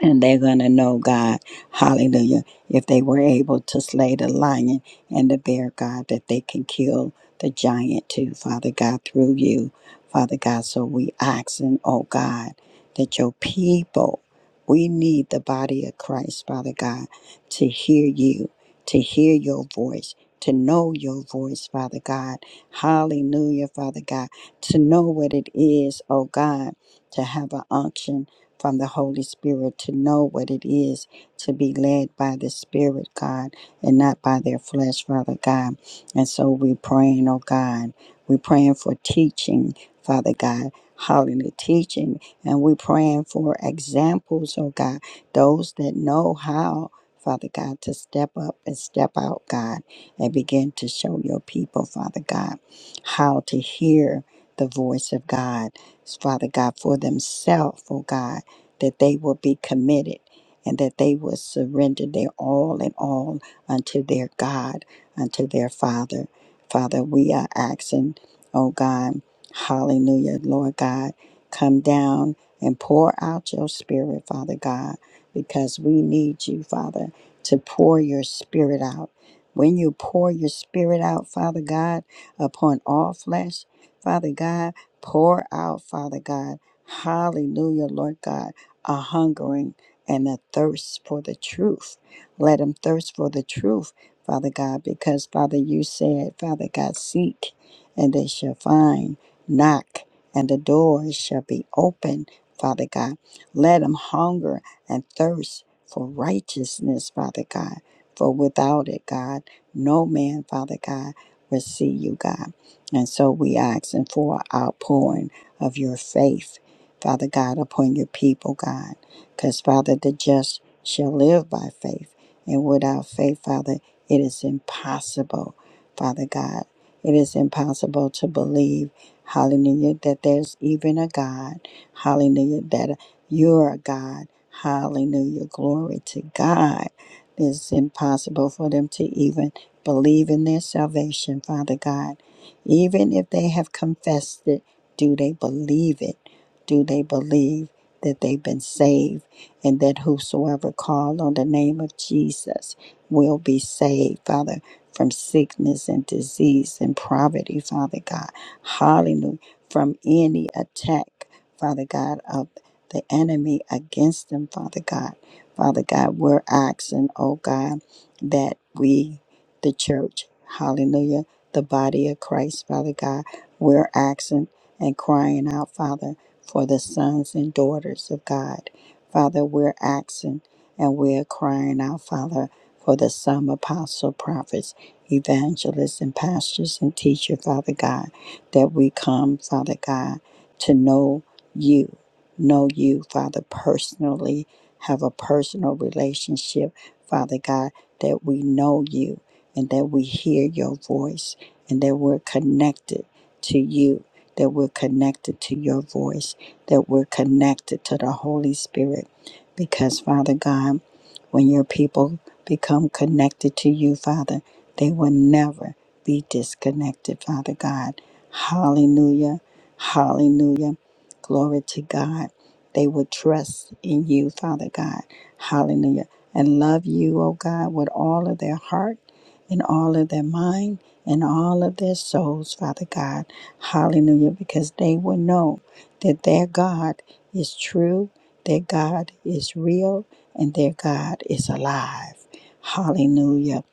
and they're going to know God, hallelujah, if they were able to slay the lion and the bear, God, that they can kill the giant too, Father God, through you, Father God. So we asking, oh God, that your people, we need the body of Christ, Father God, to hear you, to hear your voice. To know your voice, Father God. Hallelujah, Father God. To know what it is, oh God, to have an unction from the Holy Spirit to know what it is to be led by the Spirit, God, and not by their flesh, Father God. And so we're praying, oh God. We're praying for teaching, Father God. Hallelujah, teaching. And we're praying for examples, oh God, those that know how. Father God, to step up and step out, God, and begin to show your people, Father God, how to hear the voice of God, Father God, for themselves, oh God, that they will be committed and that they will surrender their all and all unto their God, unto their Father. Father, we are asking, oh God, hallelujah, Lord God, come down and pour out your spirit, Father God, because we need you, Father, to pour your spirit out. When you pour your spirit out, Father God, upon all flesh, Father God, pour out, Father God, Hallelujah, Lord God a hungering and a thirst for the truth. Let them thirst for the truth, Father God, because, Father, you said, Father God, seek and they shall find, knock and the doors shall be open, Father God. Let them hunger and thirst for righteousness, Father God, for without it, God, no man, Father God, will see you, God. And so we ask and for our pouring of your faith Father God, upon your people, God. Because, Father, the just shall live by faith. And without faith, Father, it is impossible, Father God. It is impossible to believe, hallelujah, that there's even a God, hallelujah, that you're a God, hallelujah, glory to God. It's impossible for them to even believe in their salvation, Father God. Even if they have confessed it, do they believe it? do they believe that they've been saved and that whosoever call on the name of Jesus will be saved, Father, from sickness and disease and poverty, Father God. Hallelujah. From any attack, Father God, of the enemy against them, Father God. Father God, we're asking, oh God, that we, the church, hallelujah, the body of Christ, Father God, we're asking and crying out, Father for the sons and daughters of God. Father, we're asking and we're crying out, Father, for the some apostle, prophets, evangelists, and pastors and teachers, Father God, that we come, Father God, to know you, know you, Father, personally, have a personal relationship, Father God, that we know you and that we hear your voice and that we're connected to you, that we're connected to your voice that we're connected to the Holy Spirit. Because, Father God, when your people become connected to you, Father, they will never be disconnected, Father God. Hallelujah. Hallelujah. Glory to God. They will trust in you, Father God. Hallelujah. And love you, O God, with all of their heart and all of their mind and all of their souls, Father God. Hallelujah. Because they will know that their God is true, their God is real, and their God is alive. Hallelujah.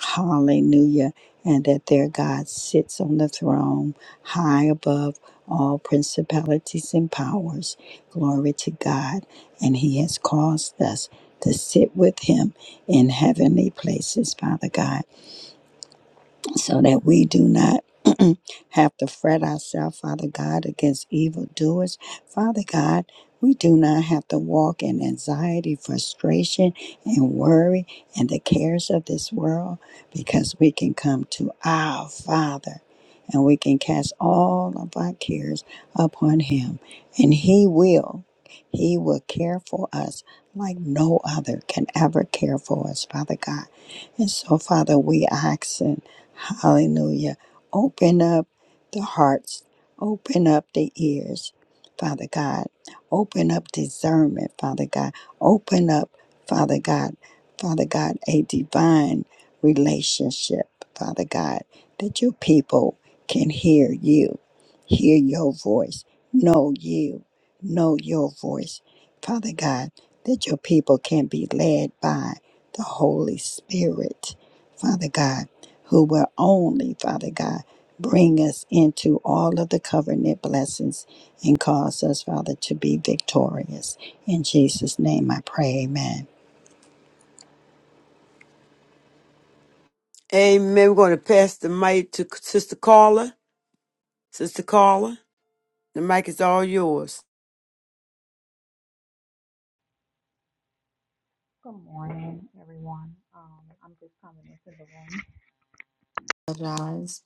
Hallelujah. And that their God sits on the throne high above all principalities and powers. Glory to God. And He has caused us to sit with Him in heavenly places, Father God so that we do not have to fret ourselves, Father God, against evildoers. Father God, we do not have to walk in anxiety, frustration, and worry and the cares of this world because we can come to our Father and we can cast all of our cares upon Him. And He will, He will care for us like no other can ever care for us, Father God. And so, Father, we ask. Hallelujah. Open up the hearts, open up the ears, Father God. Open up discernment, Father God. Open up, Father God, Father God, a divine relationship, Father God, that your people can hear you, hear your voice, know you, know your voice, Father God, that your people can be led by the Holy Spirit, Father God who will only, Father God, bring us into all of the covenant blessings and cause us, Father, to be victorious. In Jesus' name I pray, amen. Amen. We're going to pass the mic to Sister Carla. Sister Carla. The mic is all yours. Good morning, everyone. Um, I'm just coming into the room. Apologize.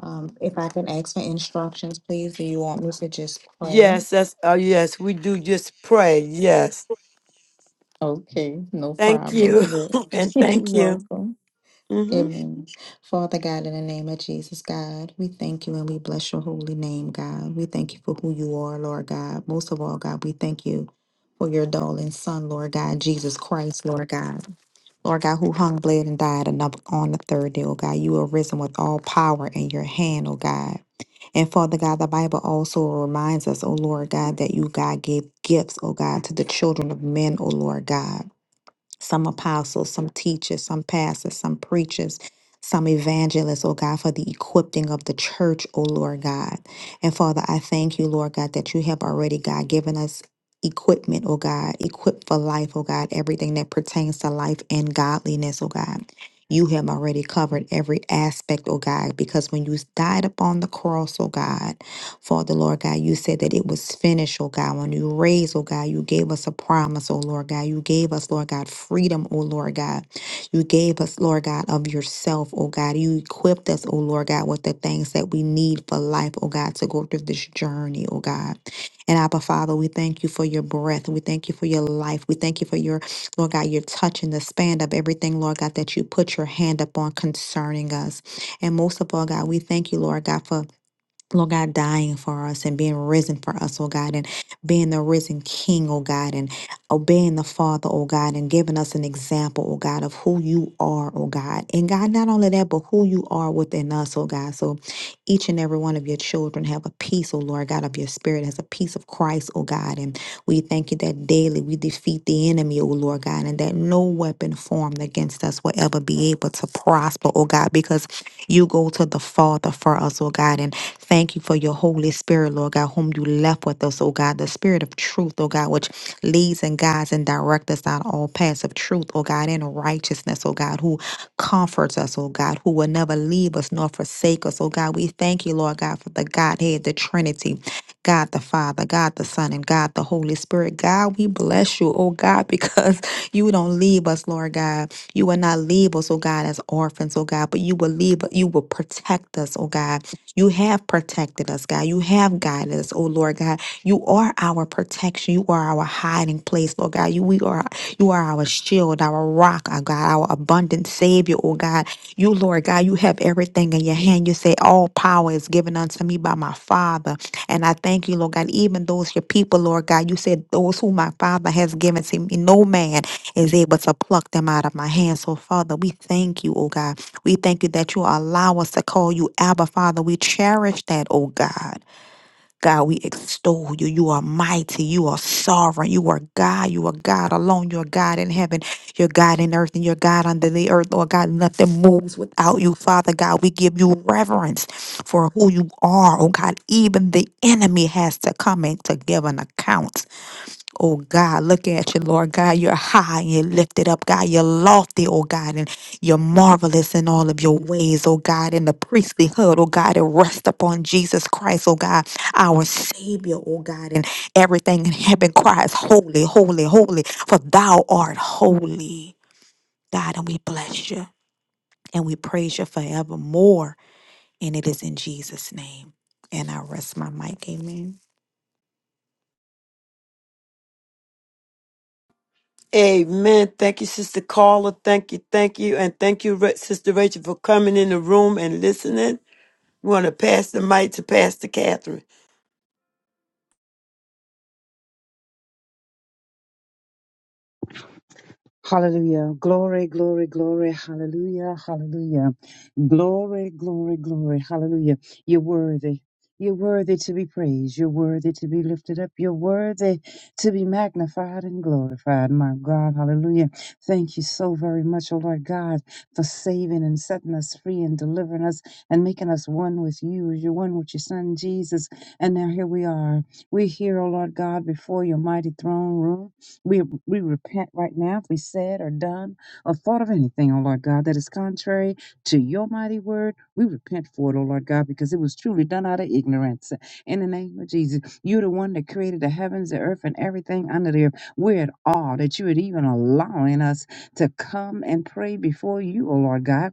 Um, if I could ask for instructions, please. Do you want me to just pray? Yes, that's uh, yes. We do just pray. Yes, Okay, no thank problem. you, You're and you're thank you. welcome. hmm Amen. Father God, in the name of Jesus, God, we thank you and we bless your holy name, God. We thank you for who you are, Lord God. Most of all, God, we thank you for your darling son, Lord God, Jesus Christ, Lord God. Lord God, who hung, bled, and died on the on the third day, oh God, you are risen with all power in your hand, oh God. And Father God, the Bible also reminds us, oh Lord God, that you, God, gave gifts, oh God, to the children of men, oh Lord God some apostles, some teachers, some pastors, some preachers, some evangelists, oh God, for the equipping of the church, oh Lord God. And Father, I thank you, Lord God, that you have already, God, given us equipment, oh God, equipped for life, oh God, everything that pertains to life and godliness, oh God. You have already covered every aspect, oh God, because when you died upon the cross, oh God, Father, Lord God, you said that it was finished, oh God. When you raised, oh God, you gave us a promise, oh Lord God. You gave us, Lord God, freedom, oh Lord God. You gave us, Lord God, of yourself, oh God. You equipped us, oh Lord God, with the things that we need for life, oh God, to go through this journey, oh God. And Abba Father, we thank you for your breath. We thank you for your life. We thank you for your, Lord God, your touch and the span of everything, Lord God, that you put your hand upon concerning us. And most of all, God, we thank you, Lord God, for Lord God, dying for us and being risen for us, oh God, and being the risen King, oh God, and obeying the Father, oh God, and giving us an example, oh God, of who you are, oh God. And God, not only that, but who you are within us, oh God. So each and every one of your children have a peace, oh Lord God, of your spirit, has a peace of Christ, oh God. And we thank you that daily we defeat the enemy, oh Lord God, and that no weapon formed against us will ever be able to prosper, oh God, because you go to the Father for us, oh God, and thank you for your Holy Spirit, Lord God, whom you left with us, oh God, the Spirit of truth, oh God, which leads and guides and directs us down all paths of truth, oh God, and righteousness, oh God, who comforts us, oh God, who will never leave us nor forsake us, oh God. We thank you, Lord God, for the Godhead, the Trinity, God the Father, God the Son, and God the Holy Spirit. God, we bless you, oh God, because you don't leave us, Lord God. You will not leave us, oh God, as orphans, oh God, but you will leave, you will protect us, oh God. You have protected us, God. You have guided us, oh Lord God. You are our protection. You are our hiding place, Lord God. You we are. You are our shield, our rock, our God, our abundant Savior, oh God. You, Lord God, you have everything in your hand. You say, All power is given unto me by my Father. And I thank you, Lord God, even those your people, Lord God, you said, Those whom my Father has given to me, no man is able to pluck them out of my hand. So, Father, we thank you, oh God. We thank you that you allow us to call you Abba, Father. We cherish that, oh God. God, we extol you. You are mighty. You are sovereign. You are God. You are God alone. You're God in heaven. You're God in earth and you're God under the earth. Lord God, nothing moves without you, Father God. We give you reverence for who you are. Oh God, even the enemy has to come in to give an account. Oh God, looking at you, Lord God, you're high and you're lifted up, God. You're lofty, oh God, and you're marvelous in all of your ways, oh God. In the priestlyhood, oh God, it rests upon Jesus Christ, oh God, our Savior, oh God. And everything in heaven cries, Holy, holy, holy, for thou art holy, God. And we bless you and we praise you forevermore. And it is in Jesus' name. And I rest my mic. Amen. Amen. Thank you, Sister Carla. Thank you, thank you, and thank you, Ra- Sister Rachel, for coming in the room and listening. We want to pass the mic to Pastor Catherine. Hallelujah. Glory, glory, glory. Hallelujah. Hallelujah. Glory, glory, glory. Hallelujah. You're worthy. You're worthy to be praised. You're worthy to be lifted up. You're worthy to be magnified and glorified. My God. Hallelujah. Thank you so very much, O Lord God, for saving and setting us free and delivering us and making us one with you as you're one with your son, Jesus. And now here we are. We're here, O Lord God, before your mighty throne room. We, we repent right now if we said or done or thought of anything, O Lord God, that is contrary to your mighty word. We repent for it, O Lord God, because it was truly done out of ignorance. In the name of Jesus, you're the one that created the heavens, the earth, and everything under the earth. We're at awe that you would even allowing us to come and pray before you, O Lord God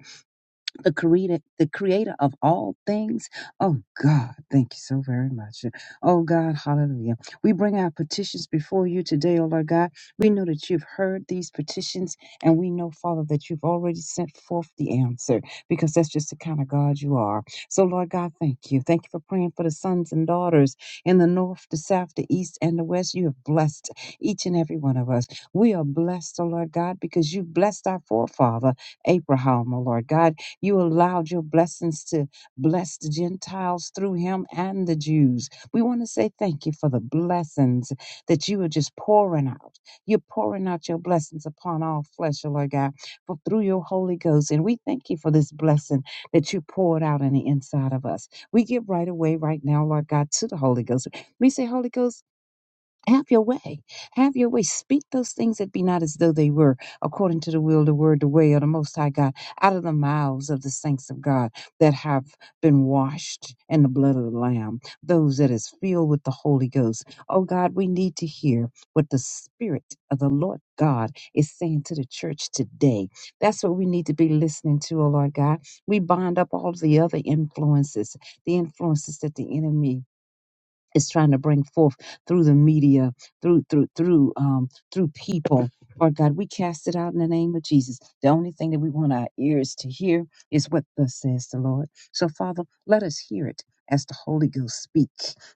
the creator, the creator of all things. Oh God, thank you so very much. Oh God, hallelujah. We bring our petitions before you today, oh Lord God. We know that you've heard these petitions, and we know, Father, that you've already sent forth the answer because that's just the kind of God you are. So, Lord God, thank you. Thank you for praying for the sons and daughters in the north, the south, the east, and the west. You have blessed each and every one of us. We are blessed, oh Lord God, because you blessed our forefather, Abraham, oh Lord God. You allowed your blessings to bless the Gentiles through him and the Jews. We want to say thank you for the blessings that you are just pouring out. You're pouring out your blessings upon all flesh, oh Lord God, for through your Holy Ghost. And we thank you for this blessing that you poured out on the inside of us. We give right away right now, Lord God, to the Holy Ghost. We say, Holy Ghost, have your way. Have your way. Speak those things that be not as though they were, according to the will, the word, the way of the Most High God, out of the mouths of the saints of God that have been washed in the blood of the Lamb, those that is filled with the Holy Ghost. Oh God, we need to hear what the Spirit of the Lord God is saying to the church today. That's what we need to be listening to, oh Lord God. We bind up all the other influences, the influences that the enemy is trying to bring forth through the media, through through through um through people. Lord God, we cast it out in the name of Jesus. The only thing that we want our ears to hear is what thus says the Lord. So Father, let us hear it as the Holy Ghost speak.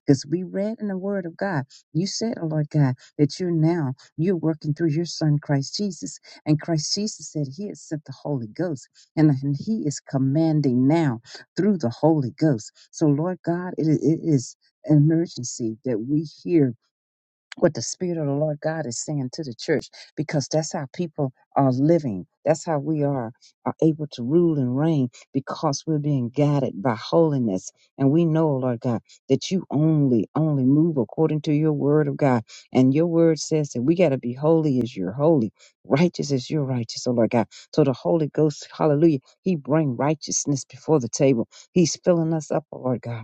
Because we read in the Word of God, you said, oh Lord God, that you're now you're working through your Son Christ Jesus. And Christ Jesus said he has sent the Holy Ghost. And, and he is commanding now through the Holy Ghost. So Lord God, it it is emergency that we hear what the Spirit of the Lord God is saying to the church because that's how people are living. That's how we are, are able to rule and reign because we're being guided by holiness. And we know, oh Lord God, that you only, only move according to your word of God. And your word says that we got to be holy as you're holy, righteous as you're righteous, oh Lord God. So the Holy Ghost, hallelujah, he bring righteousness before the table. He's filling us up, oh Lord God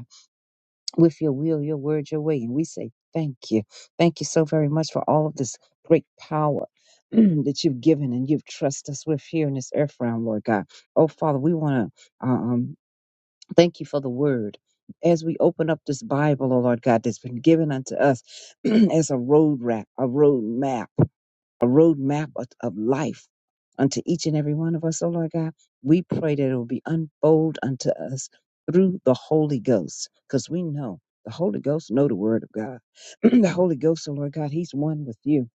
with your will, your word, your way. And we say thank you. Thank you so very much for all of this great power that you've given and you've trusted us with here in this earth realm, Lord God. Oh, Father, we want to um, thank you for the word. As we open up this Bible, oh Lord God, that's been given unto us as a road map, a road map a roadmap of, of life unto each and every one of us, oh Lord God. We pray that it will be unfold unto us through the Holy Ghost, because we know the Holy Ghost know the Word of God. the Holy Ghost, oh Lord God, He's one with you.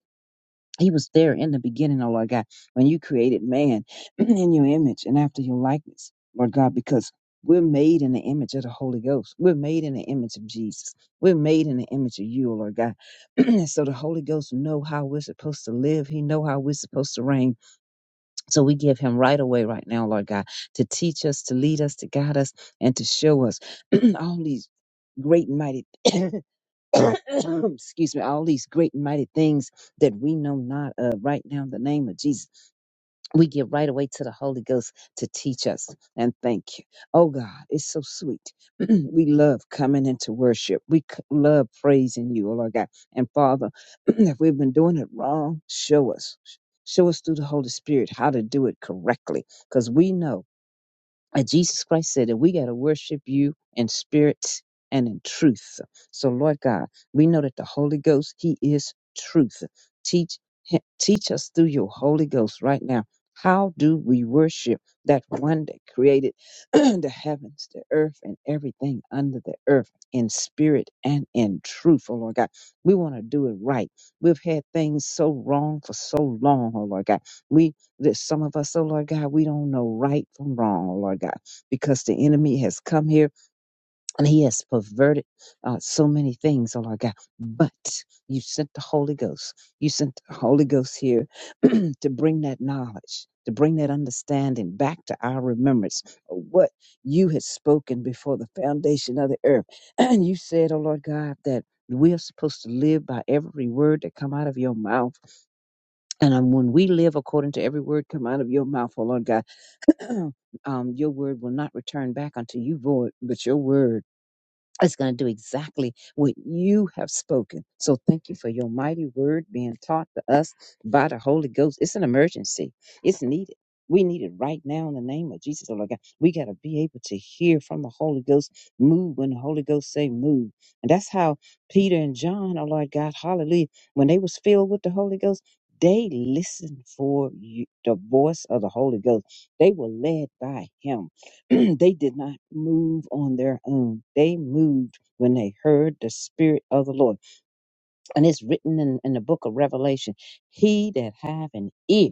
He was there in the beginning, oh Lord God, when you created man in your image and after your likeness, Lord God, because we're made in the image of the Holy Ghost. We're made in the image of Jesus. We're made in the image of you, oh Lord God. and so the Holy Ghost know how we're supposed to live. He know how we're supposed to reign. So we give him right away right now, Lord God, to teach us, to lead us, to guide us, and to show us all these great and mighty excuse me, all these great and mighty things that we know not of right now in the name of Jesus. We give right away to the Holy Ghost to teach us and thank you. Oh God, it's so sweet. we love coming into worship. We c- love praising you, oh Lord God. And Father, if we've been doing it wrong, show us. Show us through the Holy Spirit how to do it correctly because we know. And Jesus Christ said that we got to worship you in spirit and in truth. So, Lord God, we know that the Holy Ghost, He is truth. Teach, hi- teach us through your Holy Ghost right now. How do we worship that one that created the heavens, the earth, and everything under the earth in spirit and in truth, oh Lord God? We want to do it right. We've had things so wrong for so long, oh Lord God. There's some of us, oh Lord God, we don't know right from wrong, oh Lord God, because the enemy has come here and he has perverted uh, so many things, oh Lord God. But you sent the Holy Ghost. You sent the Holy Ghost here to bring that knowledge, to bring that understanding back to our remembrance of what you had spoken before the foundation of the earth. And you said, oh Lord God, that we are supposed to live by every word that come out of your mouth and um, when we live according to every word come out of your mouth, oh Lord God, um, your word will not return back unto you void, but your word it's going to do exactly what you have spoken. So thank you for your mighty word being taught to us by the Holy Ghost. It's an emergency. It's needed. We need it right now in the name of Jesus. Oh, Lord God. We got to be able to hear from the Holy Ghost move when the Holy Ghost say move. And that's how Peter and John, oh Lord God, hallelujah, when they was filled with the Holy Ghost, they listened for you, the voice of the Holy Ghost. They were led by him. they did not move on their own. They moved when they heard the Spirit of the Lord and it's written in, in the book of revelation he that have an ear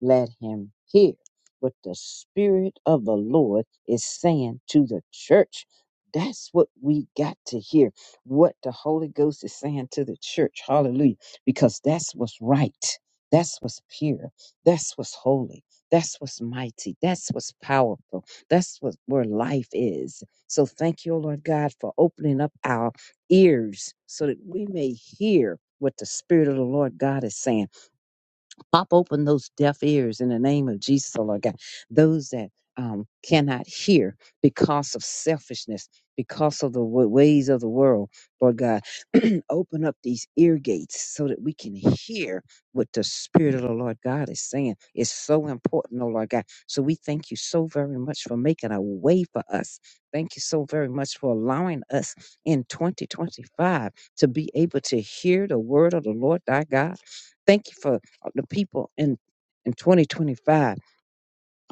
let him hear what the spirit of the lord is saying to the church that's what we got to hear what the holy ghost is saying to the church hallelujah because that's what's right that's what's pure that's what's holy that's what's mighty that's what's powerful that's what where life is so thank you O lord god for opening up our ears so that we may hear what the Spirit of the Lord God is saying. Pop open those deaf ears in the name of Jesus, oh Lord God. Those that um, cannot hear because of selfishness, because of the wa- ways of the world, Lord God. open up these ear gates so that we can hear what the Spirit of the Lord God is saying. It's so important, oh Lord God. So we thank you so very much for making a way for us. Thank you so very much for allowing us in 2025 to be able to hear the word of the Lord thy God. Thank you for the people in in 2025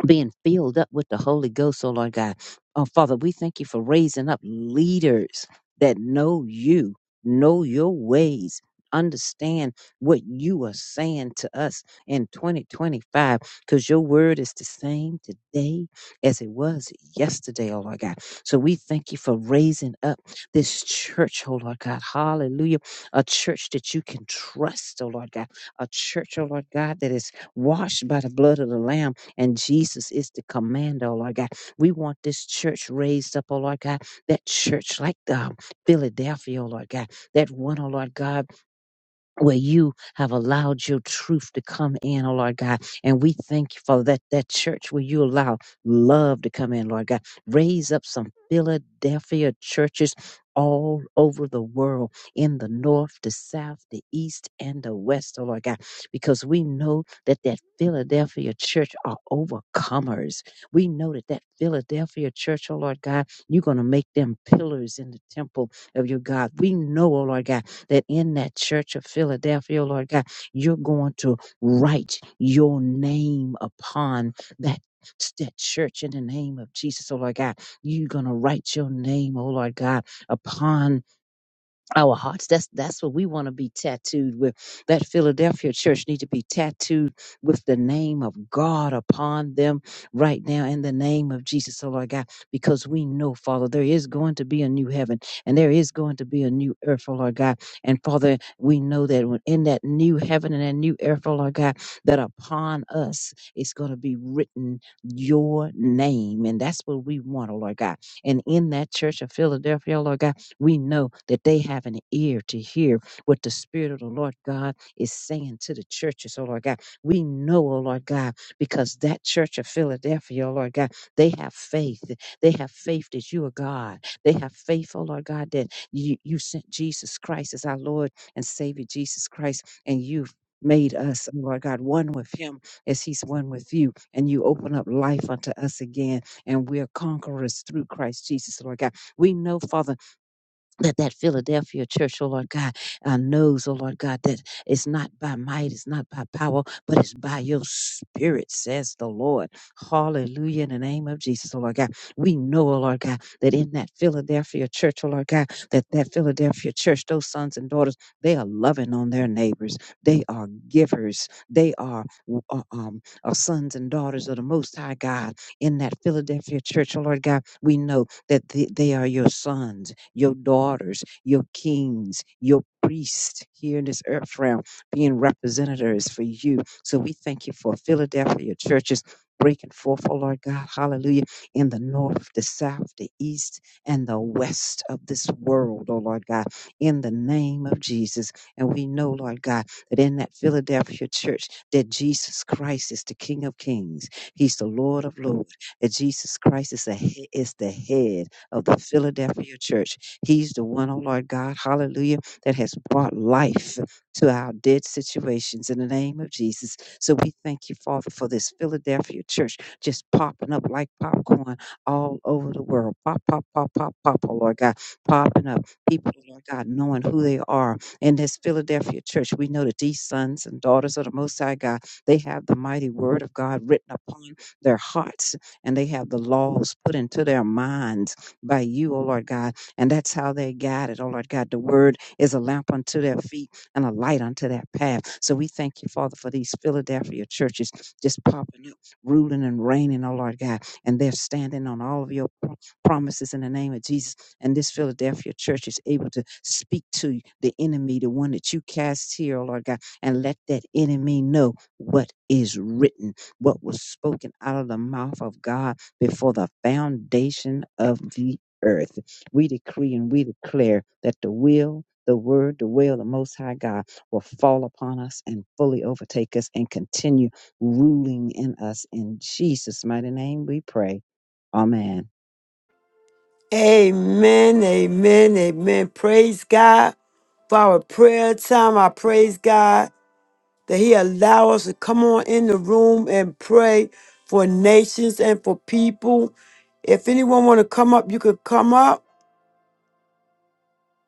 being filled up with the Holy Ghost, oh Lord God. Oh Father, we thank you for raising up leaders that know you, know your ways, understand what you are saying to us in 2025, because your word is the same today as it was yesterday, oh Lord God. So we thank you for raising up this church, oh Lord God. Hallelujah. A church that you can trust, oh Lord God. A church, oh Lord God, that is washed by the blood of the Lamb and Jesus is the commander, oh Lord God. We want this church raised up, oh Lord God. That church like the um, Philadelphia, oh Lord God. That one, oh Lord God where you have allowed your truth to come in, oh Lord God. And we thank you for that, that church where you allow love to come in, Lord God. Raise up some Philadelphia churches all over the world, in the north, the south, the east, and the west, oh Lord God, because we know that that Philadelphia church are overcomers. We know that that Philadelphia church, oh Lord God, you're going to make them pillars in the temple of your God. We know, oh Lord God, that in that church of Philadelphia, Lord God, you're going to write your name upon that. That church in the name of Jesus, oh Lord God, you're gonna write your name, oh Lord God, upon our hearts. That's that's what we want to be tattooed with. That Philadelphia church need to be tattooed with the name of God upon them right now in the name of Jesus, oh Lord God, because we know, Father, there is going to be a new heaven and there is going to be a new earth, oh Lord God. And Father, we know that when in that new heaven and that new earth, oh Lord God, that upon us it's going to be written your name. And that's what we want, oh Lord God. And in that church of Philadelphia, oh Lord God. We know that they have an ear to hear what the Spirit of the Lord God is saying to the churches, oh Lord God. We know, oh Lord God, because that church of Philadelphia, oh Lord God, they have faith. They have faith that you are God. They have faith, oh Lord God, that you, you sent Jesus Christ as our Lord and Savior Jesus Christ, and you've made us, oh Lord God, one with him as he's one with you. And you open up life unto us again, and we're conquerors through Christ Jesus, Lord God. We know, Father, that that Philadelphia church, oh Lord God, uh, knows, oh Lord God, that it's not by might, it's not by power, but it's by your spirit, says the Lord. Hallelujah, in the name of Jesus, oh Lord God. We know, oh Lord God, that in that Philadelphia church, oh Lord God, that that Philadelphia church, those sons and daughters, they are loving on their neighbors. They are givers. They are uh, um, are sons and daughters of the Most High God. In that Philadelphia church, oh Lord God, we know that they, they are your sons your daughters, your kings, your priests here in this earth realm being representatives for you. So we thank you for Philadelphia churches breaking forth, oh Lord God, hallelujah, in the north, the south, the east, and the west of this world, oh Lord God, in the name of Jesus. And we know, Lord God, that in that Philadelphia church, that Jesus Christ is the King of Kings. He's the Lord of Lords. That Jesus Christ is the, he- is the head of the Philadelphia church He's the one, oh Lord God, hallelujah, that has brought life to our dead situations in the name of Jesus. So we thank you, Father, for this Philadelphia church just popping up like popcorn all over the world. Pop, pop, pop, pop, pop, oh Lord God, popping up. People, oh Lord God, knowing who they are. In this Philadelphia church, we know that these sons and daughters of the Most High God, they have the mighty word of God written upon their hearts and they have the laws put into their minds by you, O Lord God and that's how they're guided. Oh, Lord God, the word is a lamp unto their feet and a light unto their path. So we thank you, Father, for these Philadelphia churches just popping up, ruling and reigning, oh, Lord God. And they're standing on all of your pro- promises in the name of Jesus. And this Philadelphia church is able to speak to the enemy, the one that you cast here, oh, Lord God, and let that enemy know what is written, what was spoken out of the mouth of God before the foundation of the earth. We decree and we declare that the will, the word, the will of the Most High God will fall upon us and fully overtake us and continue ruling in us. In Jesus' mighty name we pray. Amen. Amen. Amen. Amen. Praise God for our prayer time. I praise God. that he allow us to come on in the room and pray for nations and for people. If anyone want to come up, you could come up.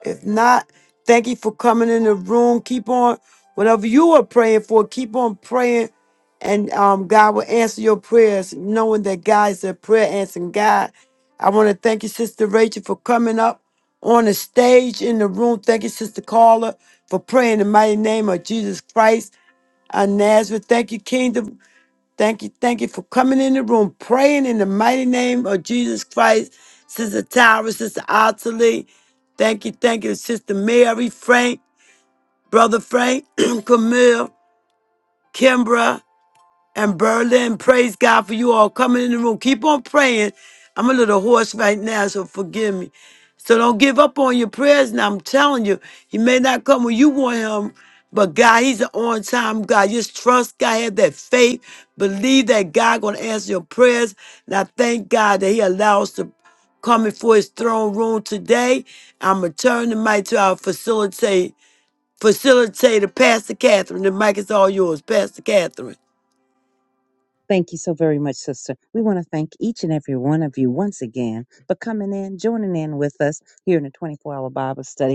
If not, thank you for coming in the room. Keep on whatever you are praying for, keep on praying and um, God will answer your prayers, knowing that God is a prayer answering God. I want to thank you, Sister Rachel, for coming up on the stage in the room. Thank you, Sister Carla, for praying in the mighty name of Jesus Christ of Nazareth. Thank you, Kingdom. Thank you. Thank you for coming in the room, praying in the mighty name of Jesus Christ. Sister Tyra, Sister Ottilie. Thank you. Thank you, Sister Mary, Frank, Brother Frank, Camille, Kimbra and Berlin. Praise God for you all coming in the room. Keep on praying. I'm a little hoarse right now, so forgive me. So don't give up on your prayers. Now I'm telling you, He may not come when you want Him, but God, He's an on-time God. Just trust God, have that faith, believe that God gonna answer your prayers. And I thank God that He allows to come before His throne room today. I'm gonna turn the mic to our facilitate facilitator, Pastor Catherine. The mic is all yours, Pastor Catherine. Thank you so very much, sister. We want to thank each and every one of you once again for coming in, joining in with us here in the 24 hour Bible study.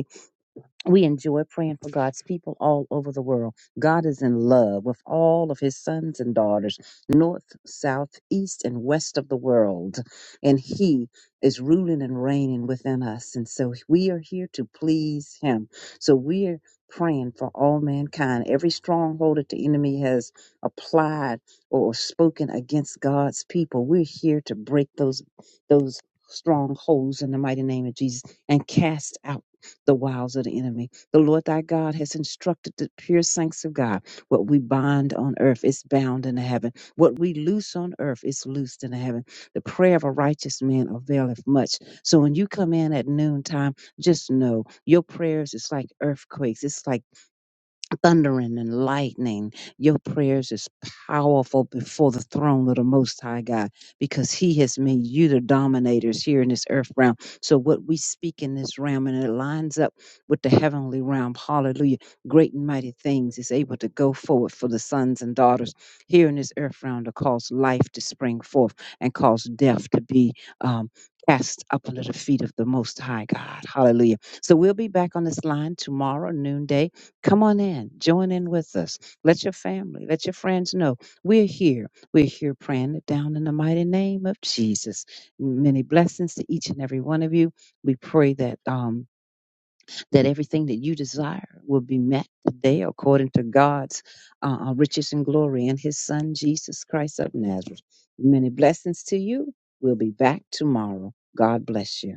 We enjoy praying for God's people all over the world. God is in love with all of his sons and daughters, north, south, east, and west of the world. And he is ruling and reigning within us. And so we are here to please him. So we are praying for all mankind. Every stronghold that the enemy has applied or spoken against God's people, we're here to break those, those strongholds in the mighty name of Jesus and cast out the wiles of the enemy. The Lord thy God has instructed the pure saints of God what we bind on earth is bound in heaven. What we loose on earth is loosed in heaven. The prayer of a righteous man availeth much. So when you come in at noontime, just know your prayers is like earthquakes. It's like thundering and lightning. Your prayers is powerful before the throne of the Most High God because He has made you the dominators here in this earth realm. So what we speak in this realm and it lines up with the heavenly realm. Hallelujah. Great and mighty things is able to go forward for the sons and daughters here in this earth realm to cause life to spring forth and cause death to be um, cast up under the feet of the Most High God. Hallelujah. So we'll be back on this line tomorrow, noonday Come on in, join in with us. Let your family, let your friends know we're here. We're here praying it down in the mighty name of Jesus. Many blessings to each and every one of you. We pray that um, that everything that you desire will be met today according to God's uh, uh, riches and glory in His Son Jesus Christ of Nazareth. Many blessings to you. We'll be back tomorrow. God bless you.